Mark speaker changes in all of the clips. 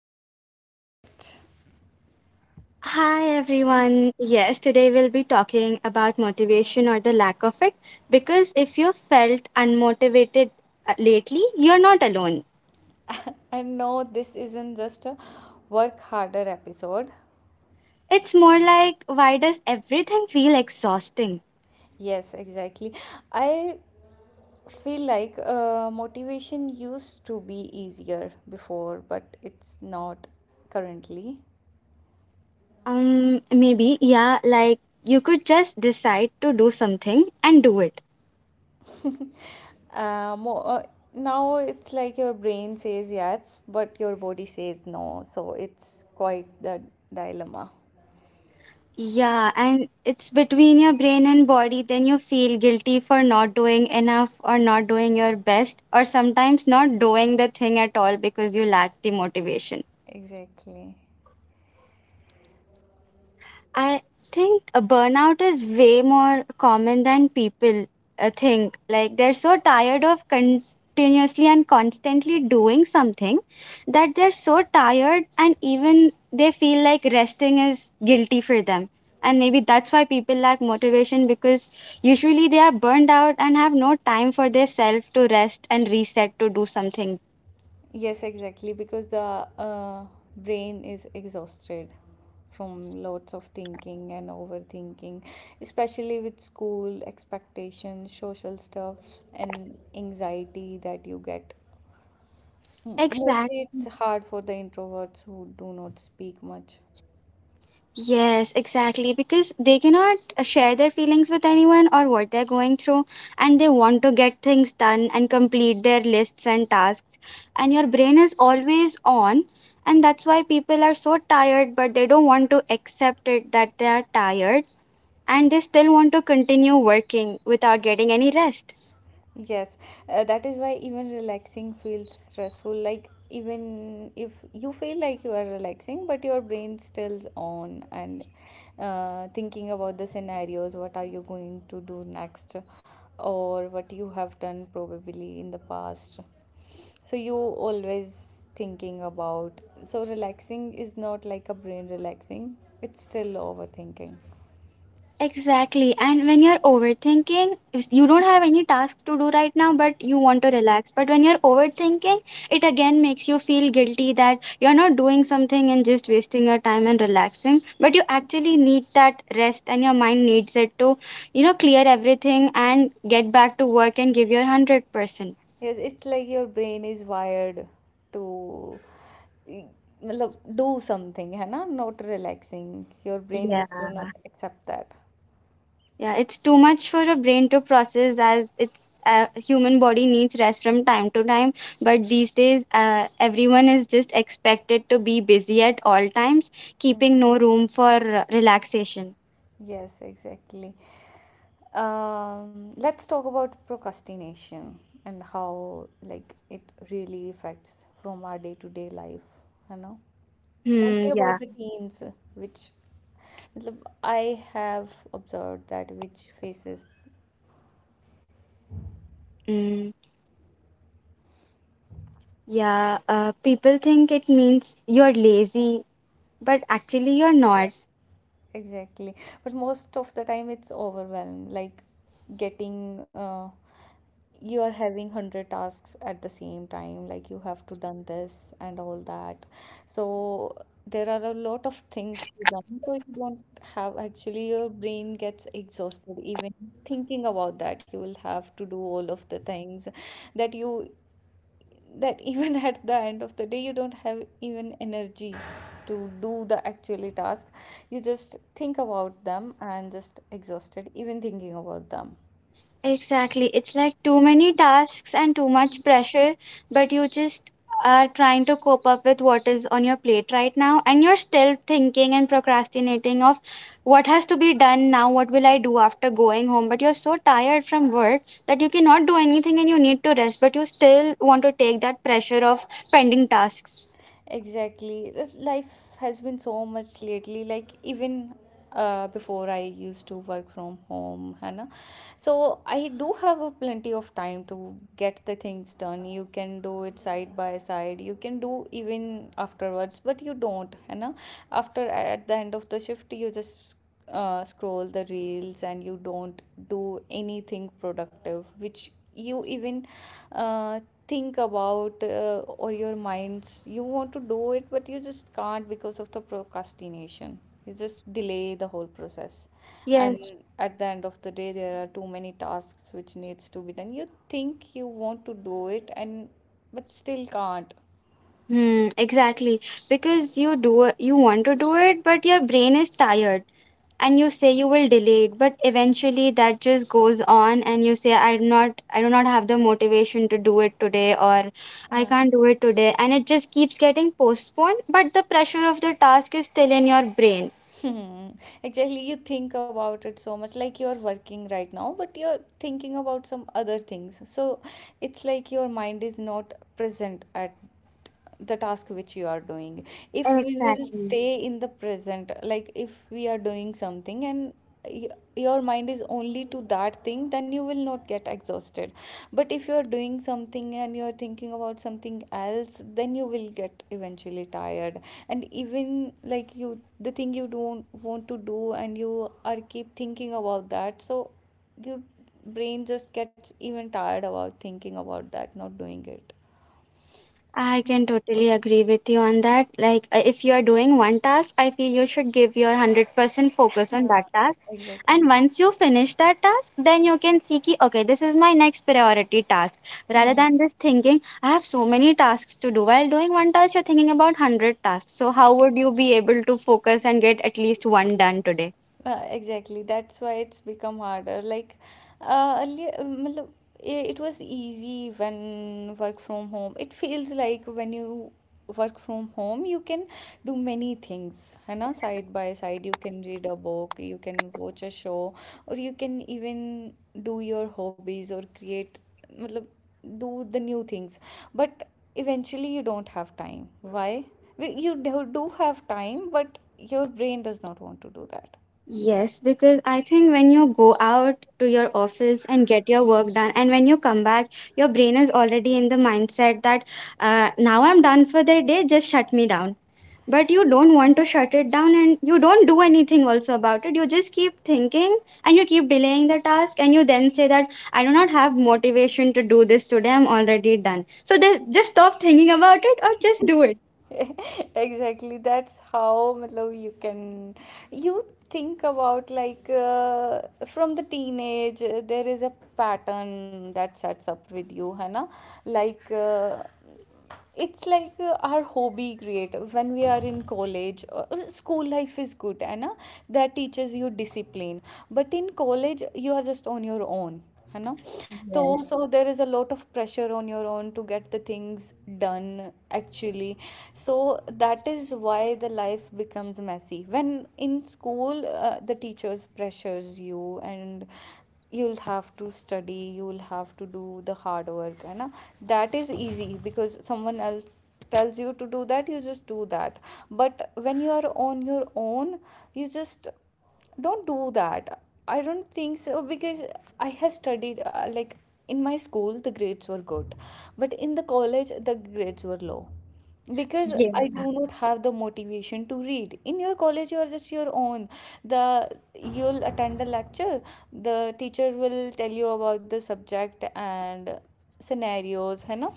Speaker 1: or the lack of it.
Speaker 2: Hi everyone. Yes, today we'll be talking about motivation or the lack of it because if you felt unmotivated lately, you're not alone.
Speaker 1: And no, this isn't just a work harder episode.
Speaker 2: It's more like why does everything feel exhausting?
Speaker 1: Yes, exactly. I feel like motivation used to be easier before, but it's not currently.
Speaker 2: Maybe yeah, like you could just decide to do something and do it.
Speaker 1: uh, more, uh, Now it's like your brain says yes, but your body says no. So it's quite the dilemma.
Speaker 2: Yeah, and it's between your brain and body, then you feel guilty for not doing enough or not doing your best, or sometimes not doing the thing at all because you lack the motivation.
Speaker 1: Exactly.
Speaker 2: I think a burnout is way more common than people think. Like they're so tired of continuously and constantly doing something that they're so tired and even they feel like resting is guilty for them. And maybe that's why people lack motivation because usually they are burned out and have no time for their self to rest and reset to do something.
Speaker 1: Yes, exactly. Because the brain is exhausted from lots of thinking and overthinking, especially with school expectations, social stuff, and anxiety that you get. Mostly, it's hard for the introverts who do not speak much.
Speaker 2: Yes, exactly. Because they cannot share their feelings with anyone or what they're going through, and they want to get things done and complete their lists and tasks. And your brain is always on, and that's why people are so tired, but they don't want to accept it that they are tired and they still want to continue working without getting any rest.
Speaker 1: Yes, that is why even relaxing feels stressful. Like, even if you feel like you are relaxing, but your brain stills on and thinking about the scenarios what are you going to do next, or what you have done probably in the past. So, you always thinking about. So, relaxing is not like a brain relaxing, it's still overthinking.
Speaker 2: Exactly. And when you're overthinking, if you don't have any tasks to do right now, but you want to relax. But when you're overthinking, it again makes you feel guilty that you're not doing something and just wasting your time and relaxing. But you actually need that rest and your mind needs it to, you know, clear everything and get back to work and give your 100%.
Speaker 1: Yes, it's like your brain is wired to eh, matlab, do something, है ना, not relaxing. Your brain
Speaker 2: Yeah.
Speaker 1: just do not accept that.
Speaker 2: Yeah, it's too much for a brain to process as it's human body needs rest from time to time. But these days, everyone is just expected to be busy at all times, keeping no room for relaxation.
Speaker 1: Yes, exactly. Let's talk about procrastination and how like it really affects from our day-to-day life, you know?
Speaker 2: Hmm.
Speaker 1: Mostly
Speaker 2: Yeah.
Speaker 1: about the teens, which matlab, I have observed that which faces
Speaker 2: Mm, yeah. People think it means you're lazy, but actually you're not.
Speaker 1: exactly. But most of the time it's overwhelmed, like getting you are having 100 tasks at the same time, like you have to done this and all that. So there are a lot of things to done. So you don't have actually your brain gets exhausted even thinking about that. You will have to do all of the things that you that even at the end of the day you don't have even energy to do the actually task, you just think about them and just exhausted even thinking about them
Speaker 2: Exactly. It's like too many tasks and too much pressure, but you just are trying to cope up with what is on your plate right now, and you're still thinking and procrastinating of what has to be done now, what will I do after going home? But you're so tired from work that you cannot do anything and you need to rest, but you still want to take that pressure of pending tasks.
Speaker 1: exactly. This life has been so much lately, like even before I used to work from home, Hannah, so I do have a plenty of time to get the things done. You can do it side by side, you can do even afterwards, but you don't, you know, after at the end of the shift you just scroll the reels and you don't do anything productive which you even uh, think about or your minds you want to do it but you just can't because of the procrastination, you just delay the whole process, and
Speaker 2: Yes.
Speaker 1: at the end of the day there are too many tasks which needs to be done. You think you want to do it and but still can't.
Speaker 2: Hmm, exactly. Because you do it, you want to do it, but your brain is tired. And you say you will delay it, but eventually that just goes on and you say I'm not I do not have the motivation to do it today, or I
Speaker 1: Uh-huh.
Speaker 2: can't do it today, and it just keeps getting postponed, but the pressure of the task is still in your brain.
Speaker 1: Hmm. Exactly, you think about it so much, like you're working right now, but you're thinking about some other things. So it's like your mind is not present at the task which you are doing. If we will
Speaker 2: Exactly.
Speaker 1: stay in the present, like if we are doing something and y- your mind is only to that thing, then you will not get exhausted. But if you are doing something and you are thinking about something else, then you will get eventually tired. And even like you, the thing you don't want to do and you are keep thinking about that, so your brain just gets even tired about thinking about that, not doing it.
Speaker 2: I can totally agree with you on that. Like, if you are doing one task, I feel you should give your 100% focus on
Speaker 1: Yeah,
Speaker 2: that task. And
Speaker 1: exactly.
Speaker 2: once you finish that task, then you can see, ki, okay, this is my next priority task. Rather
Speaker 1: Hmm.
Speaker 2: than just thinking, I have so many tasks to do. While doing one task, you're thinking about 100 tasks. So, how would you be able to focus and get at least one done today?
Speaker 1: Exactly. That's why it's become harder. Like, earlier, matlab, it was easy when work from home. It feels like when you work from home, you can do many things, है ना? Side by side, you can read a book, you can watch a show, or you can even do your hobbies or create, matlab, do the new things. But eventually, you don't have time. Why? You do have time, but your brain does not want to do that.
Speaker 2: Yes, because I think when you go out to your office and get your work done, and when you come back, your brain is already in the mindset that now I'm done for the day, just shut me down. But you don't want to shut it down and you don't do anything also about it. You just keep thinking and you keep delaying the task, and you then say that I do not have motivation to do this today, I'm already done. So then just stop thinking about it or just do it.
Speaker 1: Exactly, that's how matlab, you can you think about like from the teenage there is a pattern that sets up with you है ना, like it's like our hobby create when we are in college. School life is good and that teaches you discipline, but in college you are just on your own, you know. so
Speaker 2: Yes.
Speaker 1: so there is a lot of pressure on your own to get the things done actually. So that is why the life becomes messy when in school the teachers pressures you and you'll have to study, you'll have to do the hard work, you know. That is easy because someone else tells you to do that, you just do that. But when you are on your own, you just don't do that. I don't think so, because I have studied like in my school the grades were good, but in the college the grades were low because
Speaker 2: Yeah.
Speaker 1: I do not have the motivation to read. In your college, you are just your own. The you'll attend a lecture. The teacher will tell you about the subject and scenarios, you know.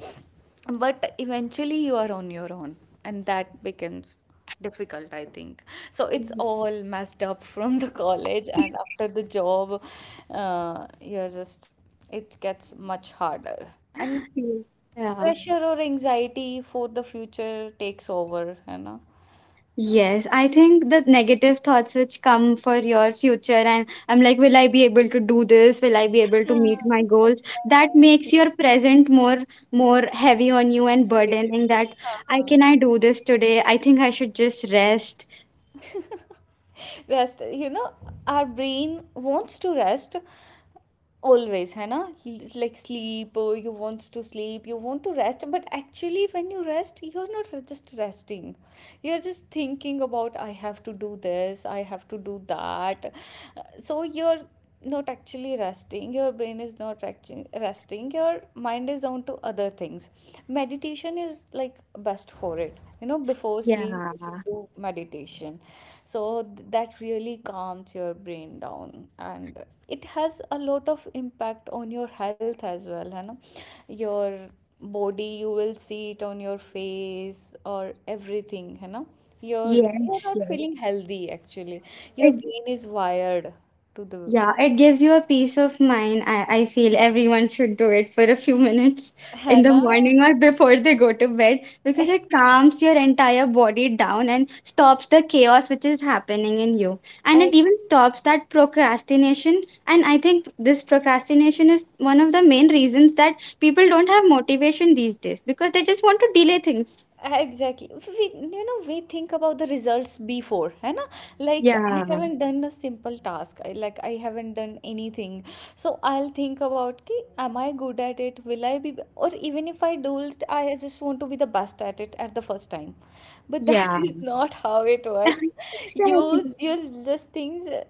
Speaker 1: But eventually, you are on your own, and that becomes difficult I think. So it's all messed up from the college, and after the job you're just it gets much harder and
Speaker 2: Yeah.
Speaker 1: pressure or anxiety for the future takes over, you know.
Speaker 2: Yes, I think the negative thoughts which come for your future, and I'm like, will I be able to do this? Will I be able to meet my goals?
Speaker 1: Exactly,
Speaker 2: That makes your present more more heavy on you and
Speaker 1: complicated.
Speaker 2: burdening that I
Speaker 1: हाँ
Speaker 2: can I do this today? I think I should just rest.
Speaker 1: Rest, you know, our brain wants to rest always है ना. It's like sleep, you want to sleep, you want to rest, but actually when you rest you're not just resting, you're just thinking about I have to do this, I have to do that. So you're not actually resting, your brain is not resting, your mind is on to other things. Meditation is like best for it, you know, before sleep
Speaker 2: Yeah.
Speaker 1: you should do meditation. So that really calms your brain down and it has a lot of impact on your health as well, you know. Your body, you will see it on your face or everything, you know. you're you're
Speaker 2: Yes,
Speaker 1: not
Speaker 2: yes.
Speaker 1: feeling healthy actually, your
Speaker 2: It
Speaker 1: brain is wired to the
Speaker 2: Yeah, it gives you a peace of mind. I feel everyone should do it for a few minutes in the
Speaker 1: Hannah.
Speaker 2: morning or before they go to bed because it calms your entire body down and stops the chaos which is happening in you. And it even stops that procrastination. And I think this procrastination is one of the main reasons that people don't have motivation these days because they just want to delay things.
Speaker 1: Exactly. We, you know, we think about the results before, है ना? Like
Speaker 2: Yeah,
Speaker 1: I haven't done a simple task. Like I haven't done anything. So I'll think about कि am I good at it? Will I be? Or even if I do it, I just want to be the best at it at the first time. But that
Speaker 2: yeah.
Speaker 1: is not how it works. You
Speaker 2: Exactly.
Speaker 1: you'll just things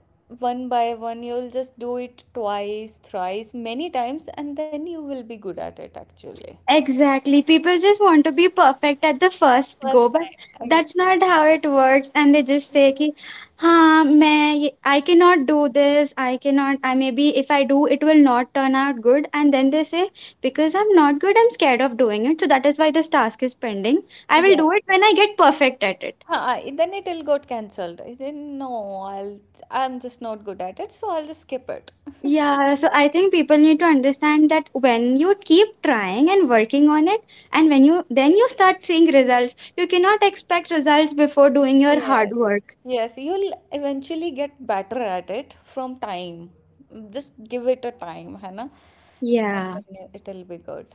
Speaker 1: one by one. You'll just do it twice, thrice, many times, and then you will be good at it actually.
Speaker 2: Exactly. People just want to be perfect at the first go,
Speaker 1: First
Speaker 2: but
Speaker 1: time. I-
Speaker 2: that's not how it works. And they just say कि हाँ मैं I cannot do this. I cannot. I maybe if I do, it will not turn out good. And then they say because I'm not good, I'm scared of doing it. So that is why this task is pending. I will do it
Speaker 1: Yes.
Speaker 2: when I get perfect at it.
Speaker 1: Huh, I- then it will got cancelled. I said, no, I'll, I'm just not good at it, so I'll just skip it.
Speaker 2: Yeah, so I think people need to understand that when you keep trying and working on it, and when you then you start seeing results, you cannot expect results before doing your hard
Speaker 1: Yes.
Speaker 2: work.
Speaker 1: Yes, you'll eventually get better at it from time. Just give it a time, Hannah, and
Speaker 2: Yeah,
Speaker 1: then you- it'll be good.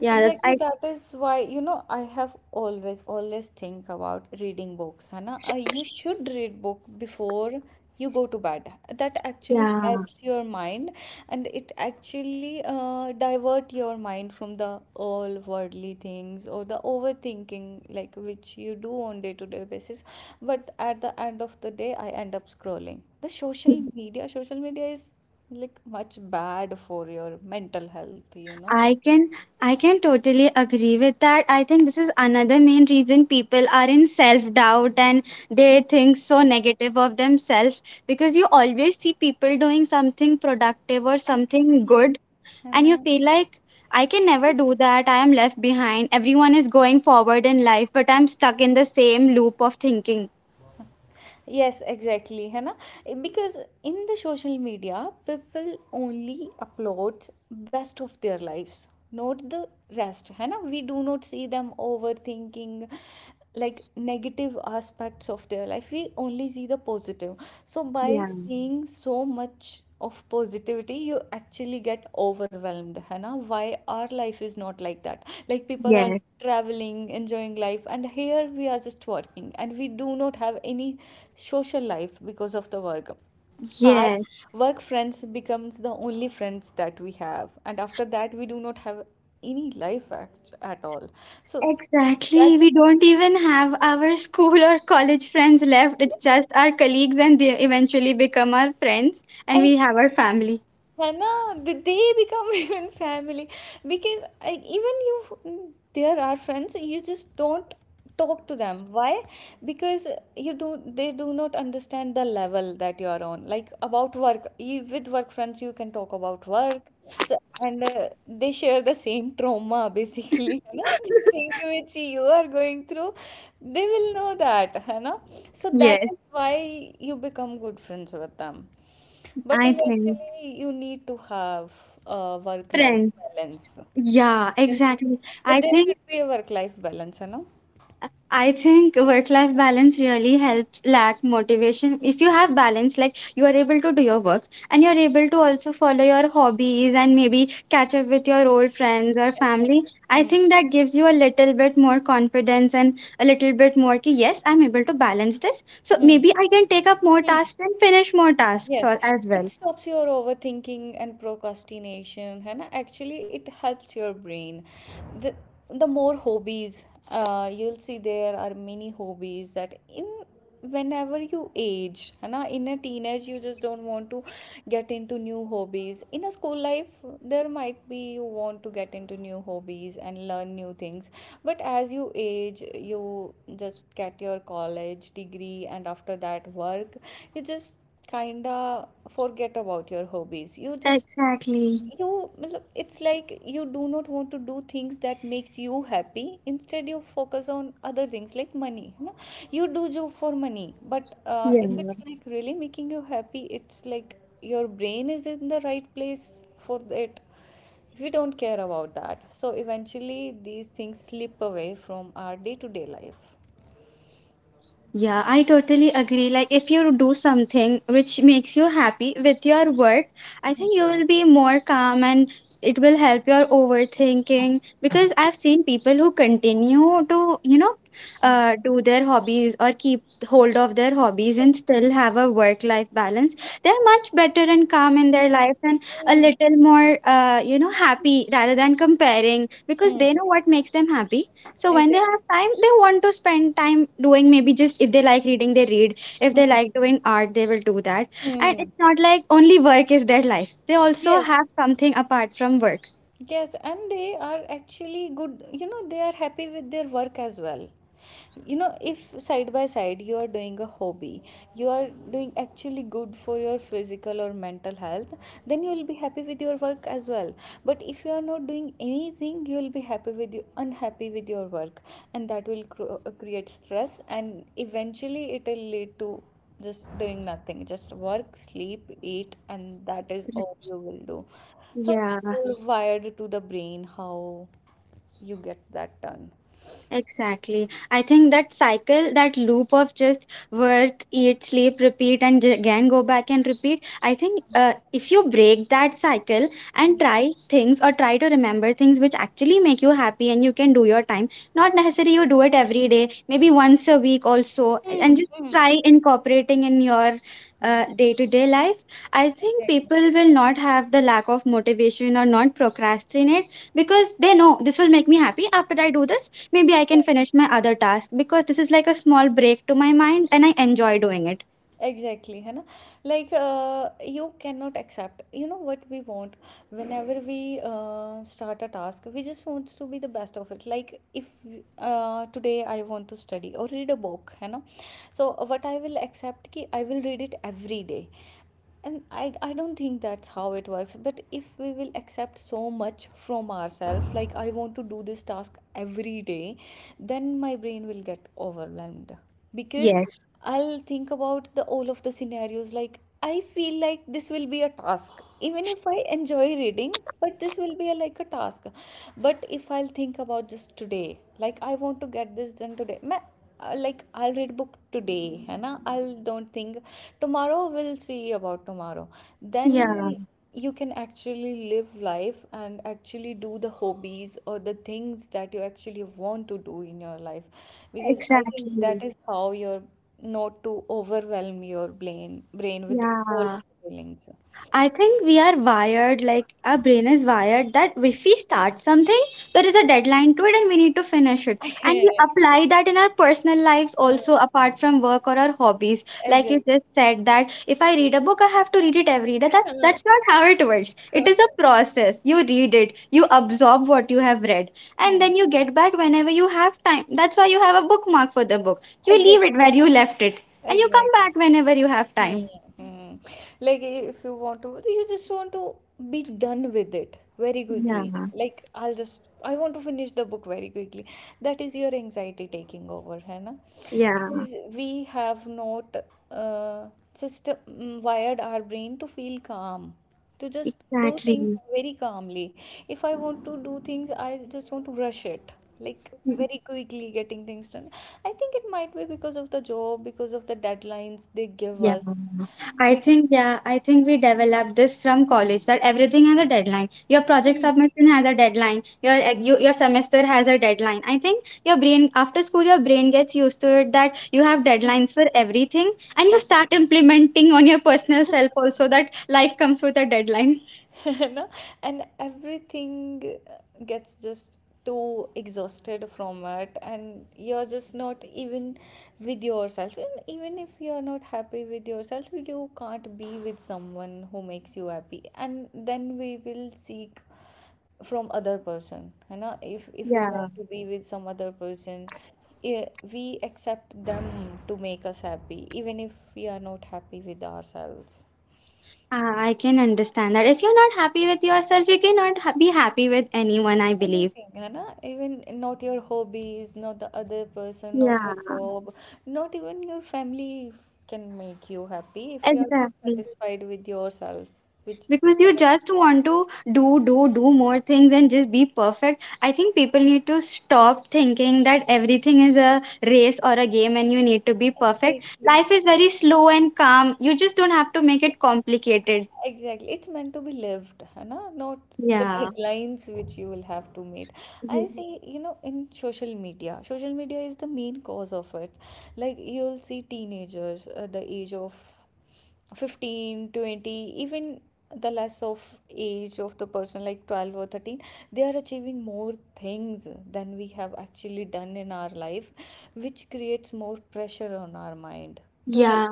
Speaker 2: yeah, that
Speaker 1: Exactly,
Speaker 2: I
Speaker 1: that is why, you know, I have always, always think about reading books, Hannah. You should read book before you go to bed, that actually
Speaker 2: yeah.
Speaker 1: helps your mind, and it actually divert your mind from the all worldly things or the overthinking like which you do on day to day basis. But at the end of the day I end up scrolling the social media. Social media is like much bad for your mental health, you know.
Speaker 2: I can I can totally agree with that. I think this is another main reason people are in self-doubt and they think so
Speaker 1: Act-
Speaker 2: negative of themselves because you always see people doing something productive or something
Speaker 1: Actually
Speaker 2: good
Speaker 1: I
Speaker 2: and you
Speaker 1: know.
Speaker 2: feel like I can never do that. I am left behind. Everyone is going forward in life, but I'm stuck in the same loop of thinking.
Speaker 1: Yes, exactly है ना, because in the social media people only upload best of their lives, not the rest है ना, we do not see them overthinking like negative aspects of their life, we only see the positive. So by
Speaker 2: Yeah.
Speaker 1: seeing so much of positivity you actually get overwhelmed है ना, why our life is not like that, like people are
Speaker 2: Yes.
Speaker 1: traveling, enjoying life, and here we are just working, and we do not have any social life because of the work. Our
Speaker 2: Yes,
Speaker 1: work friends becomes the only friends that we have, and after that, we do not have any life act at all. So that
Speaker 2: exactly. We
Speaker 1: becomes
Speaker 2: don't even have our school or college friends
Speaker 1: kind
Speaker 2: left. It's
Speaker 1: of
Speaker 2: just our colleagues, and they eventually become our friends, and we have our
Speaker 1: exactly.
Speaker 2: family.
Speaker 1: Hannah, did they become even family? Because I, even you, there are friends, you just don't talk to them. Why? Because you do, they do not understand the level that you are on. Like about work, you, with work friends, you can talk about work. So and they share the same trauma basically. You know, the thing which you are going through, they will know that. You know, so that
Speaker 2: Yes,
Speaker 1: is why you become good friends with them. But
Speaker 2: I think
Speaker 1: eventually, you need to have a work-life
Speaker 2: Friends.
Speaker 1: balance.
Speaker 2: Yeah,
Speaker 1: Friends are
Speaker 2: exactly.
Speaker 1: good, but
Speaker 2: I
Speaker 1: there
Speaker 2: think
Speaker 1: should be a work-life balance, you know?
Speaker 2: I think work life balance really helps lack motivation. If you have balance, like you are able to do your work and you're able to also follow your hobbies and maybe catch up with your old friends or family,
Speaker 1: Exactly.
Speaker 2: I
Speaker 1: Hmm.
Speaker 2: think that gives you a little bit more confidence and a little bit more, ki, yes, I'm able to balance this. So
Speaker 1: Hmm.
Speaker 2: maybe I can take up more
Speaker 1: Hmm.
Speaker 2: tasks and finish more tasks
Speaker 1: Yes,
Speaker 2: or, as
Speaker 1: it
Speaker 2: well.
Speaker 1: stops your overthinking and procrastination, and actually, it helps your brain. The, the more hobbies, you'll see there are many hobbies that in whenever you age, है ना, in a teenage you just don't want to get into new hobbies. In a school life, there might be you want to get into new hobbies and learn new things, but as you age you just get your college degree and after that work you just kinda forget about your hobbies. You just,
Speaker 2: Exactly.
Speaker 1: you मतलब, it's like you do not want to do things that makes you happy, instead you focus on other things like money, है ना? You do job for money, but if
Speaker 2: Yeah.
Speaker 1: it's like really making you happy, it's like your brain is in the right place for it. If we don't care about that, so eventually these things slip away from our day-to-day life.
Speaker 2: Yeah, I totally agree. Like, if you do something which makes you happy with your work, I think you will be more calm and it will help your overthinking. Because I've seen people who continue to, you know, do their hobbies or keep hold of their hobbies
Speaker 1: Yes.
Speaker 2: and still have a work-life balance. They're much better and calm in their
Speaker 1: Hmm.
Speaker 2: lives and a little more, you know, happy rather than comparing because
Speaker 1: Hmm.
Speaker 2: they know what makes them happy, so when they
Speaker 1: Exactly.
Speaker 2: have time, they want to spend time doing, maybe just if they like reading, they read. If they
Speaker 1: Hmm.
Speaker 2: like doing art, they will do that. And
Speaker 1: Hmm.
Speaker 2: it's not like only work is their life. They also
Speaker 1: Yes.
Speaker 2: have something apart from work.
Speaker 1: Yes, and they are actually good, you know, they are happy with their work as well. You know, if side by side you are doing a hobby, you are doing actually good for your physical or mental health, then you will be happy with your work as well. But if you are not doing anything, you will be happy with you unhappy with your work, and that will create stress, and eventually it will lead to just doing nothing, just work, sleep, eat, and that is all you will do. So
Speaker 2: Yeah.
Speaker 1: you're wired to the brain how you get that done.
Speaker 2: Exactly. I think that cycle, that loop of just work, eat, sleep, repeat, and again go back and repeat. I think if you break that cycle and try things or try to remember things which actually make you happy and you can do your time, not necessarily you do it every day, maybe once a week also, and just try incorporating in your
Speaker 1: Mhm.
Speaker 2: day-to-day life. I think
Speaker 1: Exactly.
Speaker 2: people will not have the lack of motivation or not procrastinate because they know this will make me happy after I do this. Maybe I can
Speaker 1: Yes,
Speaker 2: finish my other task because this is like a small break to my mind and I enjoy doing it.
Speaker 1: exactly, है ना? Like you cannot accept you know what we want. Whenever we start a task, we just wants to be the best of it. Like if today I want to study or read a book, है ना? So what I will accept कि I will read it every day, and I don't think that's how it works. But if we will accept so much from ourselves like I want to do this task every day, then my brain will get overwhelmed. Because
Speaker 2: Yes.
Speaker 1: I'll think about the all of the scenarios, like I feel like this will be a task, even if I enjoy reading but this will be a, like a task. But if I'll think about just today, like I want to get this done today, मैं like I'll read book today, and I'll don't think, tomorrow we'll see about tomorrow. Then
Speaker 2: Yeah,
Speaker 1: Mm. You can actually live life and actually do the hobbies or the things that you actually want to do in your life, because I think
Speaker 2: exactly.
Speaker 1: that is how you're not to overwhelm your brain with all
Speaker 2: Yeah.
Speaker 1: of the feelings.
Speaker 2: I think we are wired, like our brain is wired that if we start something, there is a deadline to it and we need to finish it. And we apply that in our personal lives
Speaker 1: Uh,
Speaker 2: also, apart from work or our hobbies. Like you
Speaker 1: exactly.
Speaker 2: just said that if I read a book, I have to read it every day. That's not how it works. It is a process. You read it, you absorb what you have read, and
Speaker 1: Hmm.
Speaker 2: then you get back whenever you have time. That's why you have a bookmark for the book. You leave
Speaker 1: Exactly.
Speaker 2: it where you left it, and you come
Speaker 1: Exactly.
Speaker 2: back whenever you have time.
Speaker 1: Hmm. Like if you want to, you just want to be done with it very
Speaker 2: Yeah,
Speaker 1: quickly. Like I'll just, I want to finish the book very quickly. That is your anxiety taking over, है ना?
Speaker 2: yeah.
Speaker 1: Because we have not uh, just wired our brain to feel calm, to just do things
Speaker 2: Exactly.
Speaker 1: very calmly. If I want to do things, I just want to rush it, like
Speaker 2: Mm,
Speaker 1: very quickly getting things done. I think it might be because of the job, because of the deadlines they give
Speaker 2: yeah.
Speaker 1: us. Be-
Speaker 2: I think we developed this from college that everything has a deadline. Your project
Speaker 1: Hmm,
Speaker 2: submission has a deadline. Your semester has a deadline. I think your brain after school your brain gets used to it that you have
Speaker 1: hmm,
Speaker 2: deadlines for everything and you start
Speaker 1: ex-
Speaker 2: implementing on your personal self also that life comes with a deadline.
Speaker 1: you and everything uh, gets just too exhausted from it, and you're just not even with yourself. And even if you're not happy with yourself, you can't be with someone who makes you happy. And then we will seek from other person, you know, if we
Speaker 2: Yeah,
Speaker 1: want to be with some other person, eh, we accept them to make us happy even if we are not happy with ourselves.
Speaker 2: I can understand that. If you're not happy with yourself, you cannot be happy with anyone, I believe.
Speaker 1: Anything, है ना? Even not your hobbies, not the other person, not your
Speaker 2: Yeah,
Speaker 1: job, not even your family can make you happy if you are not
Speaker 2: exactly.
Speaker 1: satisfied with yourself. Which
Speaker 2: Because you just want to do do more things and just be perfect. I think people need to stop thinking that everything is a race or a game and you need to be perfect.
Speaker 1: exactly.
Speaker 2: Life is very slow and calm, you just don't have to make it complicated.
Speaker 1: Exactly. It's meant to be lived, है ना? Not the
Speaker 2: Yeah.
Speaker 1: deadlines which you will have to meet. I
Speaker 2: Ye-
Speaker 1: see, you know, in social media is the main cause of it. Like, you'll see teenagers at the age of 15, 20, even the less of age of the person, like 12 or 13, they are achieving more things than we have actually done in our life, which creates more pressure on our mind to
Speaker 2: yeah.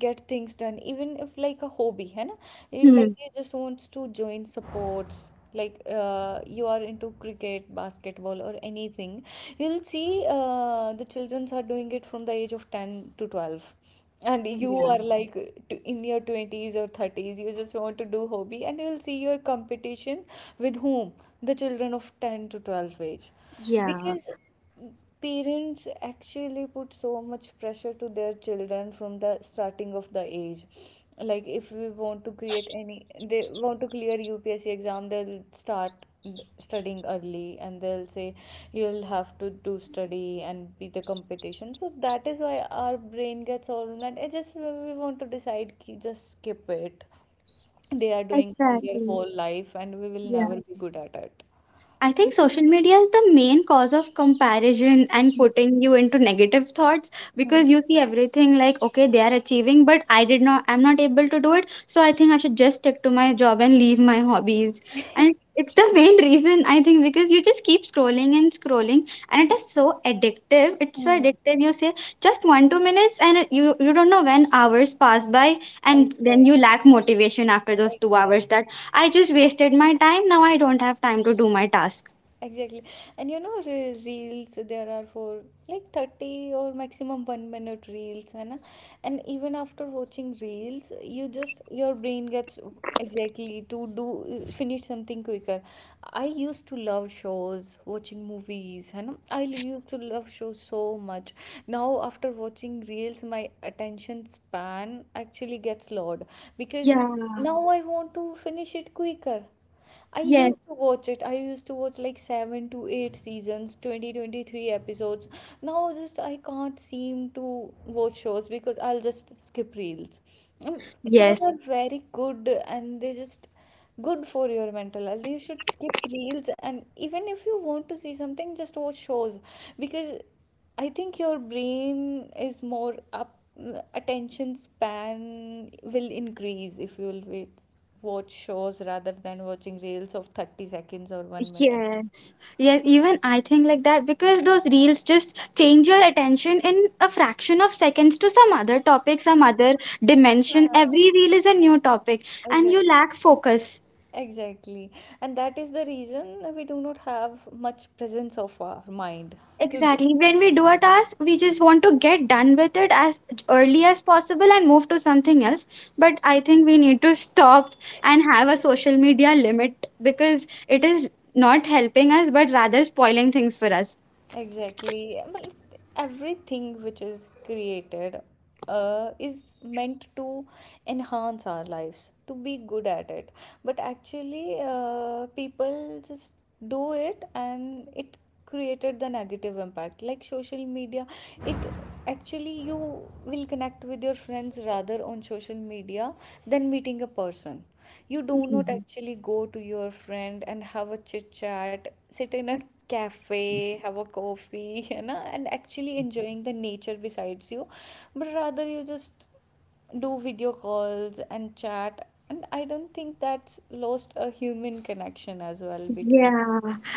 Speaker 1: get things done. Even if like a hobby, है ना, he
Speaker 2: Hmm.
Speaker 1: like he just wants to join sports. Like you are into cricket, basketball, or anything, you'll see the childrens are doing it from the age of 10 to 12. And you
Speaker 2: Yeah.
Speaker 1: are like in your 20s or 30s, you just want to do hobby, and you'll see your competition with whom? The children of 10 to 12 age.
Speaker 2: Yeah,
Speaker 1: Because parents actually put so much pressure to their children from the starting of the age, like if we want to create any, they want to clear UPSC exam. They'll start studying early and they'll say you'll have to do study and be the competition. So that is why our brain gets all mad. I just we want to decide ki just skip it, they are doing from their
Speaker 2: exactly.
Speaker 1: whole life and we will
Speaker 2: Yeah,
Speaker 1: never be good at it.
Speaker 2: I think social media is the main cause of comparison and putting you into negative thoughts, because you see everything like, okay, they are achieving, but I did not, I'm not able to do it. So I think I should just stick to my job and leave my hobbies. And it's the main reason I think, because you just keep scrolling and scrolling, and it is so addictive. It's so
Speaker 1: Hmm.
Speaker 2: addictive. You say just one, two minutes, and you don't know when hours pass by, and then
Speaker 1: Exactly.
Speaker 2: you lack motivation after those two hours. That. I just wasted my time. Now I don't have time to do my task.
Speaker 1: Exactly. And you know, reels there are for like 30 or maximum 1 minute reels, and even after watching reels you just your brain gets exactly to do finish something quicker. I used to love shows watching movies, and I used to love shows so much. Now after watching reels my attention span actually gets lowered, because
Speaker 2: Yeah.
Speaker 1: now I want to finish it quicker. I
Speaker 2: Yes.
Speaker 1: used to watch it. I used to watch like seven to eight seasons, 20-23 episodes, now just I can't seem to watch shows because I'll just skip reels. Mm, shows
Speaker 2: Yes.
Speaker 1: are very good and they just good for your mental health. You should skip reels, and even if you want to see something just watch shows. Because I think your brain is more up attention span will increase if you will wait, watch shows rather than watching reels of 30 seconds or 1 minute.
Speaker 2: Yes. Yes, even I think like that, because those reels just change your attention in a fraction of seconds to some other topic, some other
Speaker 1: Yeah,
Speaker 2: dimension. Every reel is a new topic and
Speaker 1: exactly.
Speaker 2: you lack focus.
Speaker 1: Exactly. And that is the reason we do not have much presence of our mind to do.
Speaker 2: Exactly. When we do a task, we just want to get done with it as early as possible and move to something else. But I think we need to stop and have a social media limit, because it is not helping us, but rather spoiling things for us.
Speaker 1: Exactly. Well, everything which is created is meant to enhance our lives, to be good at it. But actually, people just do it and it created the negative impact. Like social media, it actually you will connect with your friends rather on social media than meeting a person. You do not actually go to your friend and have a chit chat, sit in a cafe, have a coffee, you know, and actually enjoying the nature besides you. But rather, you just do video calls and chat. And I don't think that's lost a human connection as well between.
Speaker 2: Yeah,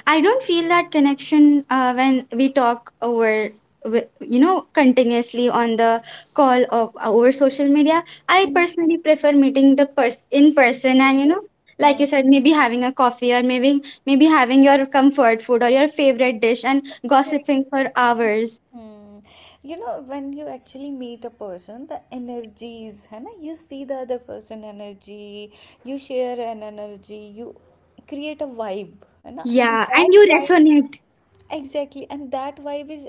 Speaker 2: I don't feel that connection when we talk over, you know, continuously on the call of over social media. I personally prefer meeting the person in person, and you know, like you said, maybe having a coffee, or maybe having your comfort food or your favorite dish, and
Speaker 1: Exactly.
Speaker 2: gossiping for hours.
Speaker 1: Hmm. You know, when you actually meet a person, the energies, है ना? You see the other person energy, you share an energy, you create a vibe, है ना? And
Speaker 2: Yeah, and
Speaker 1: that
Speaker 2: you
Speaker 1: vibe,
Speaker 2: resonate.
Speaker 1: exactly, and that vibe is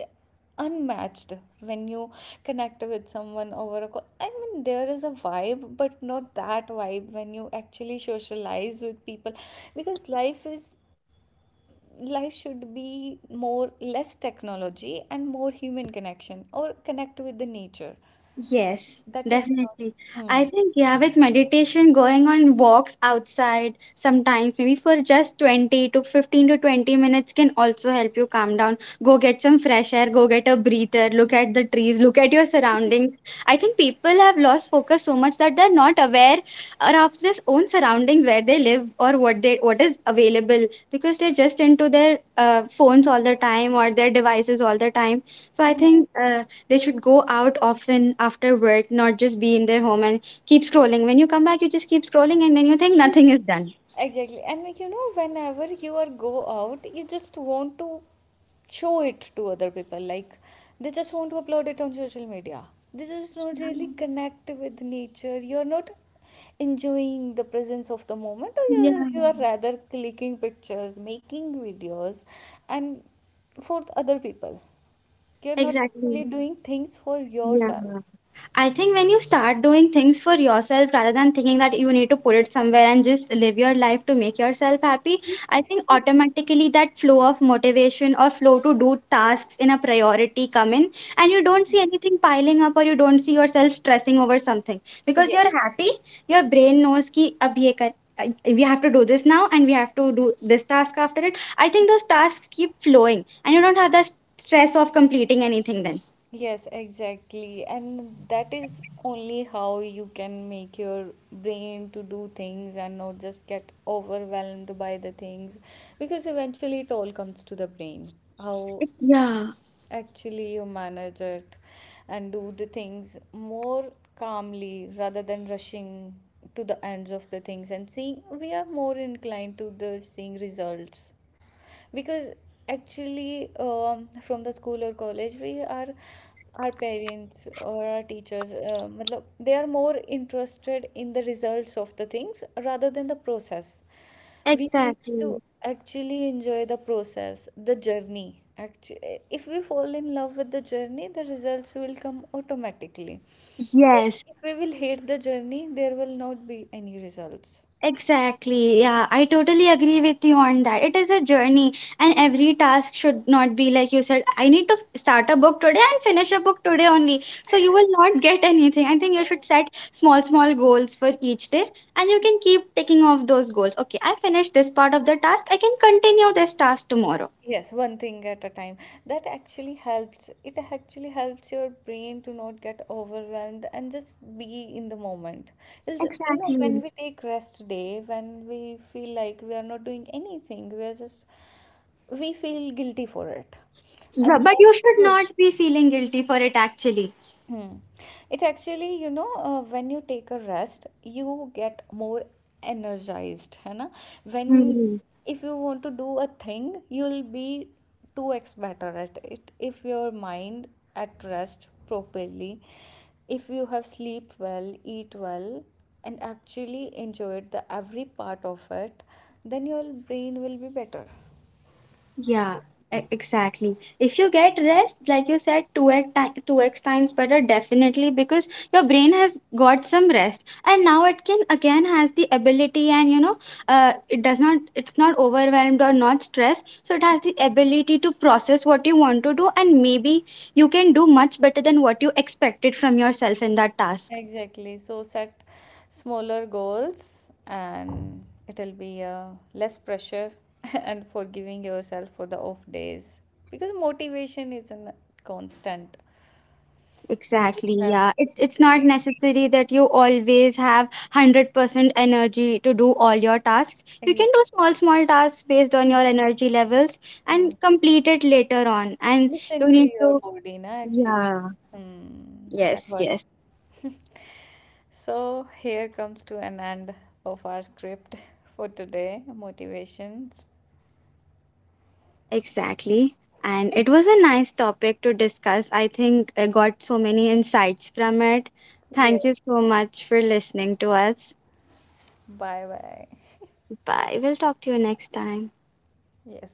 Speaker 1: unmatched when you connect with someone over a call. I mean, there is a vibe, but not that vibe when you actually socialize with people. Because life is life should be more less technology and more human connection, or connect with the nature.
Speaker 2: Yes,
Speaker 1: That is not.
Speaker 2: definitely. I
Speaker 1: Hmm.
Speaker 2: think, yeah, with meditation, going on walks outside sometimes, maybe for just 20 to 15 to 20 minutes, can also help you calm down. Go get some fresh air, go get a breather, look at the trees, look at your surroundings. I think people have lost focus so much that they're not aware of their own surroundings, where they live or what they what is available, because they're just into their phones all the time or their devices all the time. So I think
Speaker 1: Mhm.
Speaker 2: they should go out often after work, not just be in their home and keep scrolling. When you come back, you just keep scrolling, and then you think nothing is done.
Speaker 1: Exactly. And like, you know, whenever you are go out you just want to show it to other people, like they just want to upload it on social media. They just don't really
Speaker 2: Yeah.
Speaker 1: connect with nature, you're not enjoying the presence of the moment. Or you're,
Speaker 2: Yeah.
Speaker 1: just- you are rather clicking pictures, making videos, and for the other people, you're not actually
Speaker 2: Exactly.
Speaker 1: doing things for
Speaker 2: Yeah.
Speaker 1: yourself.
Speaker 2: I think when you start doing things for yourself rather than thinking that you need to put it somewhere, and just live your life to make yourself happy, I think automatically that flow of motivation or flow to do tasks in a priority come in, and you don't see anything piling up, or you don't see yourself stressing over something, because
Speaker 1: Yes.
Speaker 2: you're happy, your brain knows ki ab ye kar, we have to do this now and we have to do this task after it. I think those tasks keep flowing and you don't have that stress of completing anything then.
Speaker 1: Yes, exactly. And that is only how you can make your brain to do things and not just get overwhelmed by the things, because eventually it all comes to the brain. How
Speaker 2: Yeah,
Speaker 1: actually you manage it and do the things more calmly rather than rushing to the ends of the things, and seeing we are more inclined to the seeing results. Because actually from the school or college we are our parents or our teachers matlab, they are more interested in the results of the things rather than the process. We need to
Speaker 2: exactly.
Speaker 1: actually enjoy the process, the journey. Actually, if we fall in love with the journey, the results will come automatically. But
Speaker 2: Yes,
Speaker 1: if we will hate the journey, there will not be any results.
Speaker 2: exactly. Yeah, I totally agree with you on that. It is a journey, and every task should not be like you said, I need to start a book today and finish a book today only. So you will not get anything. I think you should set small, small goals for each day, and you can keep taking off those goals. Okay, I finished this part of the task, I can continue this task tomorrow.
Speaker 1: Yes, one thing at a time. That actually helps. It actually helps your brain to not get overwhelmed and just be in the moment. It'll, you know, when
Speaker 2: Exactly.
Speaker 1: we take rest day, when we feel like we are not doing anything, we are just, we feel guilty for it. And
Speaker 2: But you
Speaker 1: that's
Speaker 2: should
Speaker 1: not.
Speaker 2: not be feeling guilty for it actually.
Speaker 1: Hmm. It actually, you know, when you take a rest, you get more energized, है ना? When if you want to do a thing, you'll be 2x better at it. If your mind at rest properly, if you have sleep well, eat well, and actually enjoyed the every part of it, then your brain will be better.
Speaker 2: Yeah, exactly. If you get rest, like you said, 2x times better, definitely, because your brain has got some rest. And now it can again has the ability, and you know, it does not, it's not overwhelmed or not stressed. So it has the ability to process what you want to do, and maybe you can do much better than what you expected from yourself in that task.
Speaker 1: Exactly. So set smaller goals and it'll be less pressure, and forgiving yourself for the off days because motivation isn't constant. You'll just
Speaker 2: Exactly,
Speaker 1: have
Speaker 2: yeah. It,
Speaker 1: to be
Speaker 2: it's not
Speaker 1: disciplined.
Speaker 2: necessary that you always have 100% energy to do all your tasks. You can
Speaker 1: Exactly.
Speaker 2: do small, small tasks based on
Speaker 1: Mhm.
Speaker 2: your energy levels
Speaker 1: Mm.
Speaker 2: and complete it later on. And you
Speaker 1: Listen to
Speaker 2: need
Speaker 1: your
Speaker 2: to,
Speaker 1: body, na, actually.
Speaker 2: yeah,
Speaker 1: Mm, that
Speaker 2: yes, yes,
Speaker 1: works. So here comes to an end of our script for today, motivations.
Speaker 2: exactly. And it was a nice topic to discuss. I think I got so many insights from it.
Speaker 1: Yes.
Speaker 2: Thank you so much for listening to us.
Speaker 1: Bye bye.
Speaker 2: Bye. We'll talk to you next time.
Speaker 1: Yes